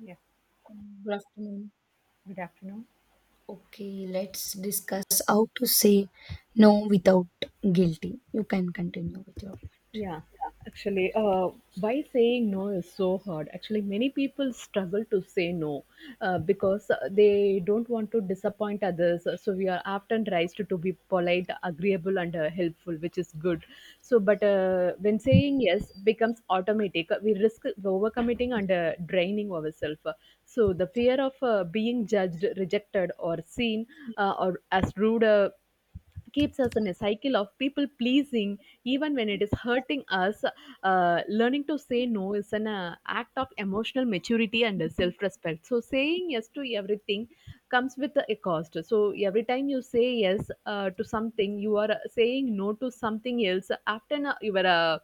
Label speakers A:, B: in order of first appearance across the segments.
A: Yeah,
B: Good afternoon.
A: good afternoon.
B: Okay, let's discuss how to say no without guilty. You can continue with your point.
A: Yeah, actually, uh, why saying no is so hard. Actually, many people struggle to say no because they don't want to disappoint others. So we are often raised to be polite, agreeable, and helpful, which is good. But when saying yes becomes automatic, we risk overcommitting and draining ourselves. So the fear of being judged, rejected, or seen or as rude. Keeps us in a cycle of people pleasing even when it is hurting us. Learning to say no is an act of emotional maturity and self-respect. So saying yes to everything comes with a cost. So every time you say yes to something, you are saying no to something else. Your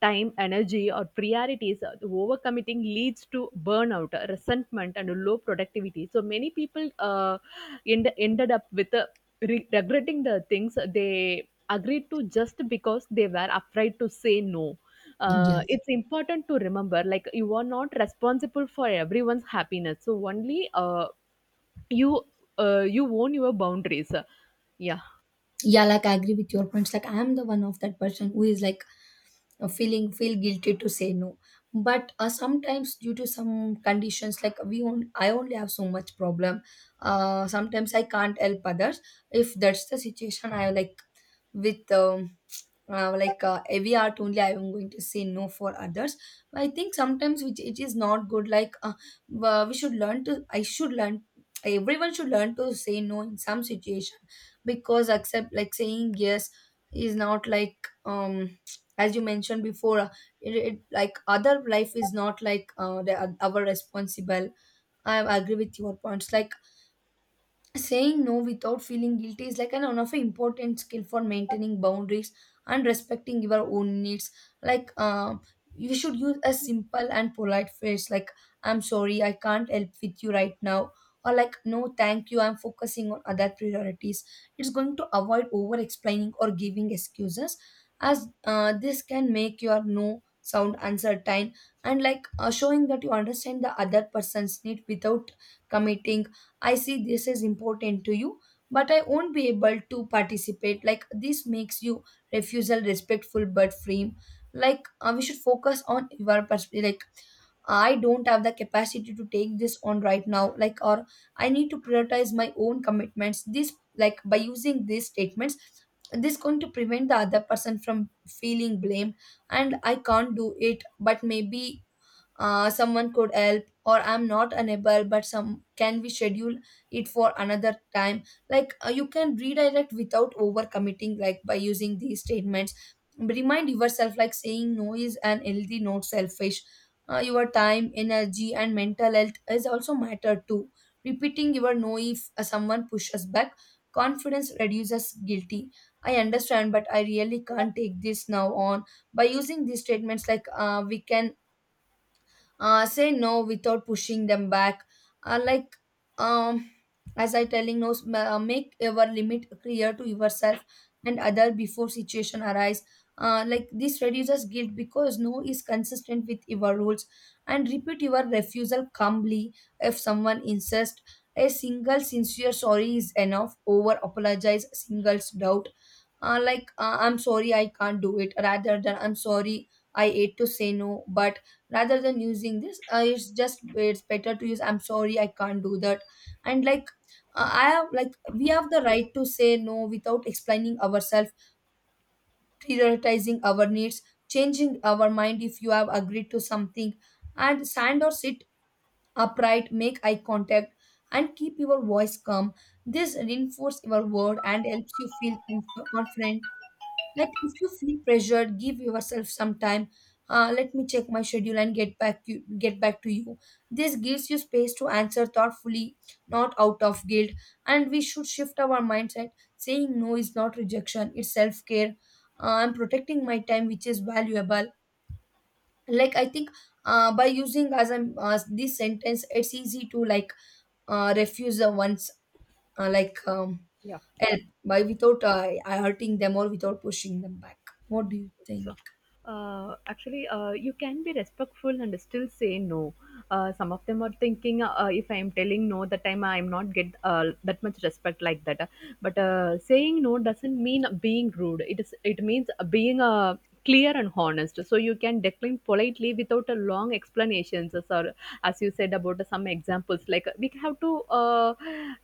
A: time, energy, or priorities. Overcommitting leads to burnout, resentment, and low productivity. So many people ended up with regretting the things they agreed to just because they were afraid to say no.
B: Yeah.
A: It's important to remember like you are not responsible for everyone's happiness. So only you you own your boundaries, yeah.
B: Yeah, like I agree with your points. Like I'm the one of that person who is like feel guilty to say no but sometimes due to some conditions like we on, I only have so much problem. Uh, sometimes I can't help others. If that's the situation I like with every art only I am going to say no for others. I think sometimes which it is not good. We should learn to I should learn everyone should learn to say no in some situation, because accept like saying yes is not like, um as you mentioned before, it like other life is not like our responsible. I agree with your points like saying no without feeling guilty is like an one of an important skill for maintaining boundaries and respecting your own needs. Like um, you should use a simple and polite phrase like "I'm sorry, I can't help with you right now," or like "No, thank you, I'm focusing on other priorities." It's going to avoid over explaining or giving excuses, as this can make your no sound uncertain, and showing that you understand the other person's need without committing. I see this is important to you, but I won't be able to participate. Like this makes you refusal respectful but frame. We should focus on your perspective. Like I don't have the capacity to take this on right now, like, or I need to prioritize my own commitments. This, like, by using these statements, this going to prevent the other person from feeling blamed, and I can't do it, but maybe someone could help, or I'm not unable, but some can we schedule it for another time. Like you can redirect without overcommitting like by using these statements. But remind yourself like saying no is an healthy not selfish. Uh, your time energy and mental health is also matter too. Repeating your no if someone pushes back confidence reduces guilty. I understand, but I really can't take this now on. By using these statements like we can say no without pushing them back. uh, like um, as I telling no, make your limit clear to yourself and other before situation arise. Uh, like this reduces guilt because no is consistent with your rules, and repeat your refusal calmly if someone insists. A single sincere sorry is enough over apologize singles doubt. I'm sorry I can't do it rather than I'm sorry I ate to say no. But rather than using this, it's just it's better to use I'm sorry I can't do that. And like, I have like we have the right to say no without explaining ourselves, prioritizing our needs, changing our mind if you have agreed to something, and stand or sit upright, make eye contact, and keep your voice calm. This reinforces your word and helps you feel confident. Like if you feel pressured, give yourself some time. Let me check my schedule and get back to you. This gives you space to answer thoughtfully, not out of guilt. And we should shift our mindset. Saying no is not rejection; it's self care. I'm protecting my time, which is valuable. Like I think by using as I'm this sentence, it's easy to like refuse the ones, uh, like um,
A: Yeah.
B: help by without hurting them or without pushing them back. What do you
A: So,
B: think?
A: you can be respectful and still say no. Some of them are thinking if I am telling no, that time I am not get that much respect like that. But saying no doesn't mean being rude. It is. It means being clear and honest. So you can decline politely without a long explanations, or as you said about some examples. Like we have to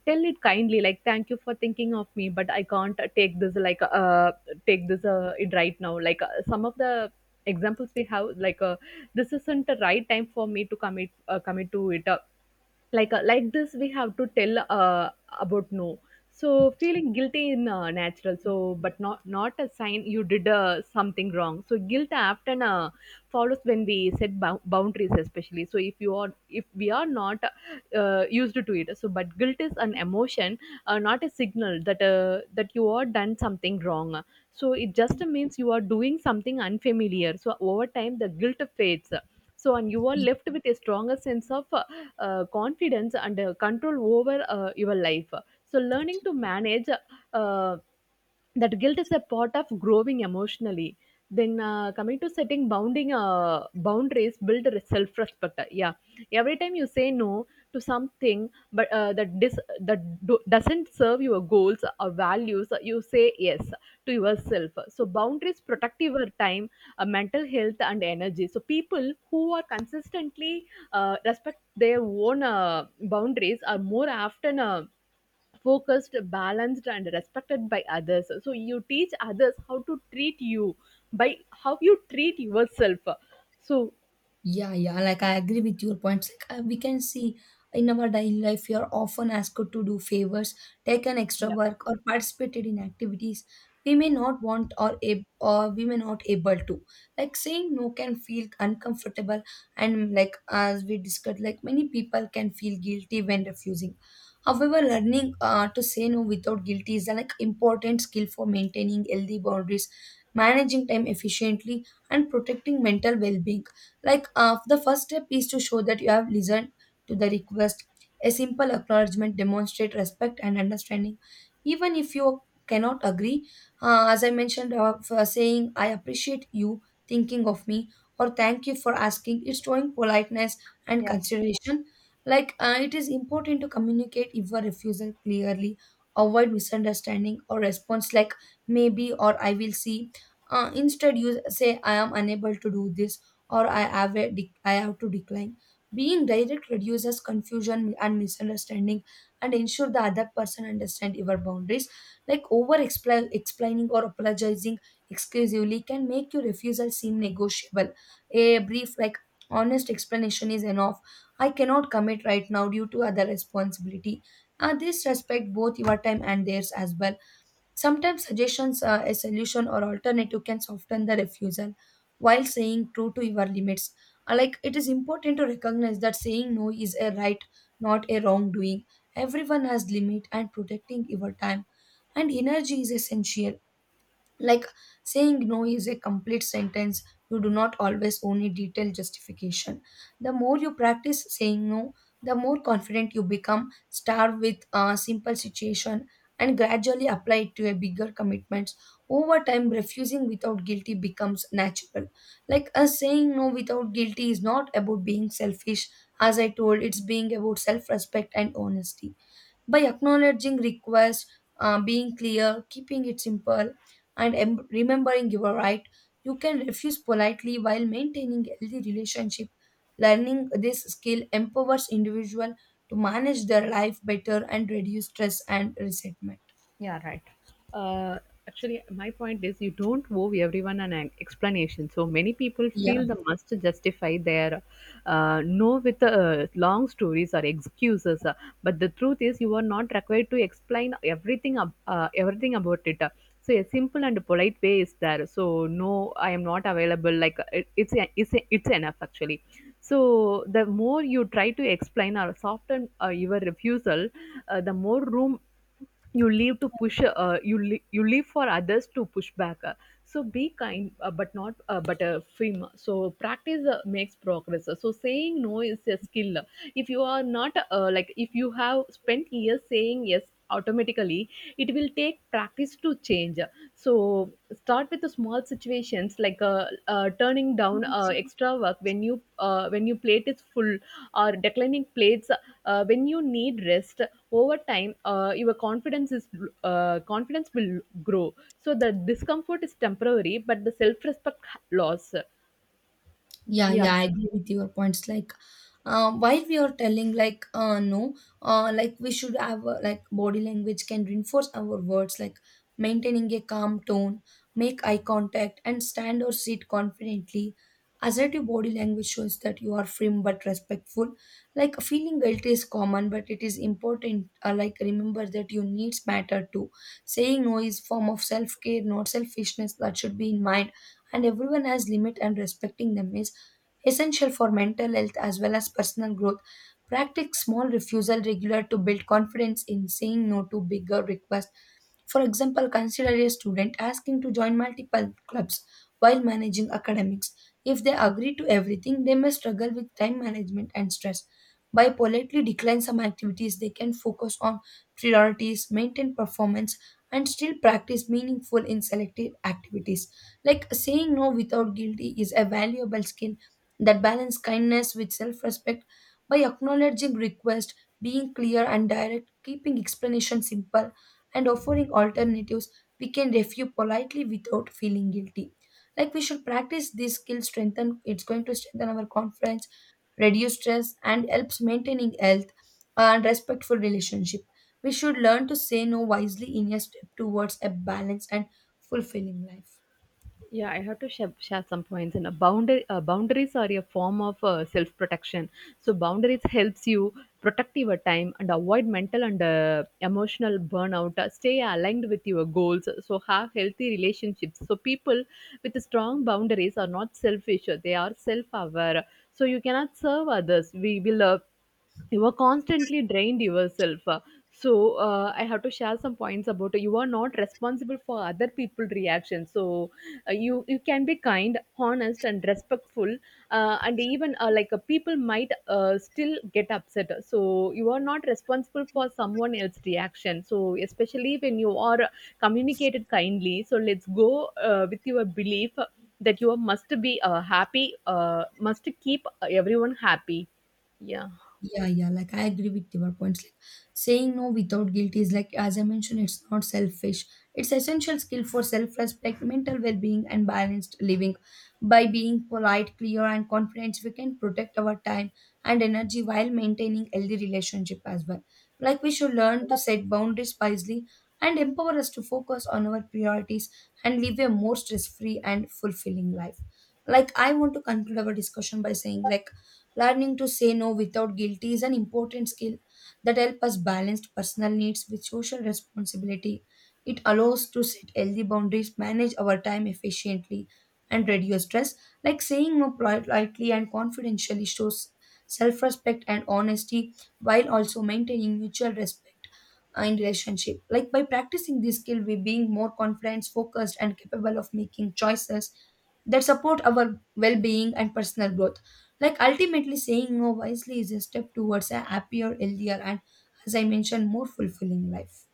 A: tell it kindly, like thank you for thinking of me, but I can't take this like take this it right now. Like some of the examples we have, like this isn't the right time for me to commit to it. Like this we have to tell about no. So feeling guilty in natural, so but not a sign you did something wrong. So guilt often follows when we set boundaries, especially so if you are if we are not used to it. So but guilt is an emotion, not a signal that that you are done something wrong. So it just means you are doing something unfamiliar. So over time the guilt fades. So and you are left with a stronger sense of confidence and control over your life. So learning to manage uh, that guilt is a part of growing emotionally. Then coming to setting bounding boundaries, build self-respect. Yeah, every time you say no to something, but that doesn't serve your goals or values, you say yes to yourself. So boundaries protect your time, mental health, and energy. So people who are consistently respect their own boundaries are more often focused, balanced, and respected by others. So you teach others how to treat you by how you treat yourself. So
B: Yeah, yeah, like I agree with your points. We can see in our daily life, we are often asked to do favors, take an extra
A: yeah.
B: work, or participated in activities we may not want or we may not able to. Like saying no can feel uncomfortable, and like as we discussed, like many people can feel guilty when refusing. However, learning to say no without guilt is a like important skill for maintaining healthy boundaries, managing time efficiently, and protecting mental well-being. Like the first step is to show that you have listened to the request. A simple acknowledgement demonstrate respect and understanding, even if you cannot agree. As I mentioned, for saying I appreciate you thinking of me or thank you for asking is showing politeness and consideration. It is important to communicate your refusal clearly, avoid misunderstanding or response like maybe or I will see. Instead, you say I am unable to do this or I have to decline. Being direct reduces confusion and misunderstanding and ensure the other person understand your boundaries. Like over explaining or apologizing exclusively can make your refusal seem negotiable. A brief, like, honest explanation is enough. I cannot commit right now due to other responsibility. This respect both your time and theirs as well. Sometimes suggestions, a solution or alternative can soften the refusal while saying true to your limits. Like it is important to recognize that saying no is a right, not a wrongdoing. Everyone has limit and protecting your time and energy is essential. Like saying no is a complete sentence, you do not always own a detailed justification. The more you practice saying no, the more confident you become. Start with a simple situation and gradually apply it to a bigger commitments. Over time, refusing without guilty becomes natural. Like a saying no without guilty is not about being selfish, as I told, it's being about self-respect and honesty by acknowledging requests, being clear, keeping it simple, and remembering your right, you can refuse politely while maintaining healthy relationship. Learning this skill empowers individual to manage their life better and reduce stress and resentment.
A: Yeah, right. Uh, actually, my point is you don't owe everyone an explanation. So many people
B: Yeah.
A: feel the must to justify their no with long stories or excuses. But the truth is, you are not required to explain everything everything about it. So a simple and polite way is there. So no, I am not available. Like it's enough actually. So the more you try to explain or soften your refusal, the more room you leave to you leave for others to push back. So be kind, but not but firm. So practice makes progress. So saying no is a skill. If you are not like if you have spent years saying yes automatically, it will take practice to change. So start with the small situations, like turning down extra work when you when your plate is full, or declining plates when you need rest. Over time, your confidence will grow. So the discomfort is temporary, but the self respect loss.
B: Yeah,
A: Yeah.
B: yeah, I agree with your points. Like, while we are telling, like, no, like we should have like body language can reinforce our words, like maintaining a calm tone, make eye contact, and stand or sit confidently. Assertive body language shows that you are firm but respectful. Like feeling guilty is common, but it is important. Like remember that your needs matter too. Saying no is form of self care, not selfishness. That should be in mind, and everyone has limit and respecting them is essential for mental health as well as personal growth. Practice small refusal regular to build confidence in saying no to bigger requests. For example, consider a student asking to join multiple clubs while managing academics. If they agree to everything, they may struggle with time management and stress. By politely decline some activities, they can focus on priorities, maintain performance, and still practice meaningful in selected activities. Like saying no without guilty is a valuable skill that balance kindness with self-respect by acknowledging requests, being clear and direct, keeping explanation simple, and offering alternatives, we can refuse politely without feeling guilty. Like we should practice this skill strengthen, it's going to strengthen our confidence, reduce stress and helps maintaining health and respectful relationship. We should learn to say no wisely in a step towards a balanced and fulfilling life.
A: Yeah, I have to share some points. Boundaries are a form of self-protection. So boundaries helps you protect your time and avoid mental and emotional burnout. Stay aligned with your goals. So have healthy relationships. So people with strong boundaries are not selfish. They are self-aware. So you cannot serve others. We will, you are constantly drained yourself. I have to share some points about you are not responsible for other people reactions. So you can be kind, honest, and respectful, and even people might still get upset. So you are not responsible for someone else's reaction, so especially when you are communicated kindly. So let's go with your belief that you must keep everyone happy, yeah.
B: Yeah, yeah, like I agree with your points. Like saying no without guilt is like, as I mentioned, it's not selfish. It's essential skill for self-respect, mental well-being, and balanced living. By being polite, clear, and confident, we can protect our time and energy while maintaining healthy relationship as well. Like we should learn to set boundaries wisely and empower us to focus on our priorities and live a more stress-free and fulfilling life. Like I want to conclude our discussion by saying like learning to say no without guilt is an important skill that helps us balance personal needs with social responsibility. It allows to set healthy boundaries, manage our time efficiently, and reduce stress. Like saying no politely and confidentially shows self respect and honesty while also maintaining mutual respect in relationship. Like by practicing this skill, we being more confident, focused, and capable of making choices that support our well-being and personal growth. Like ultimately, saying no wisely is a step towards a happier, healthier, and, as I mentioned, more fulfilling life.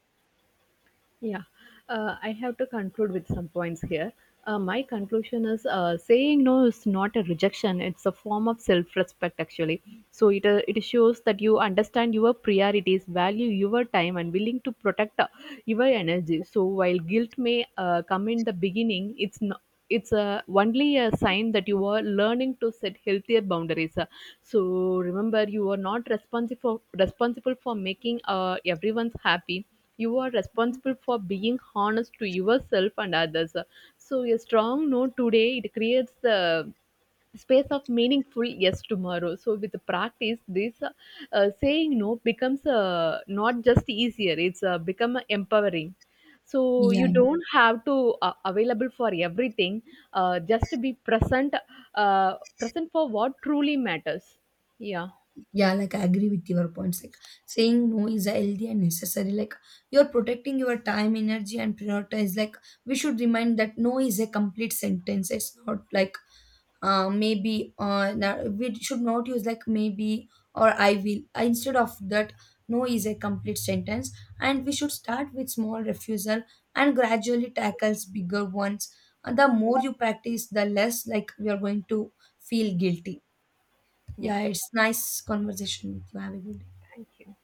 A: Yeah, I have to conclude with some points here. My conclusion is saying no is not a rejection; it's a form of self-respect, actually. So it shows that you understand your priorities, value your time, and willing to protect your energy. So while guilt may come in the beginning, it's not. It's only a sign that you are learning to set healthier boundaries. So remember, you are not responsible for making everyone's happy. You are responsible for being honest to yourself and others. So a strong no today, it creates the space of meaningful yes tomorrow. So with the practice this saying no becomes not just easier, it's become empowering. So you
B: Yeah.
A: don't have to available for everything, just to be present, uh, present for what truly matters, yeah.
B: Yeah, like I agree with your points. Like saying no is a healthy and necessary. Like you're protecting your time, energy, and prioritize. Like we should remind that no is a complete sentence. It's not like, maybe, we should not use like maybe or I will. Instead of that, no is a complete sentence, and we should start with small refusal and gradually tackles bigger ones. The more you practice, the less like we are going to feel guilty.
A: Yeah,
B: Yeah, it's nice conversation with you. Have a good day.
A: thank you.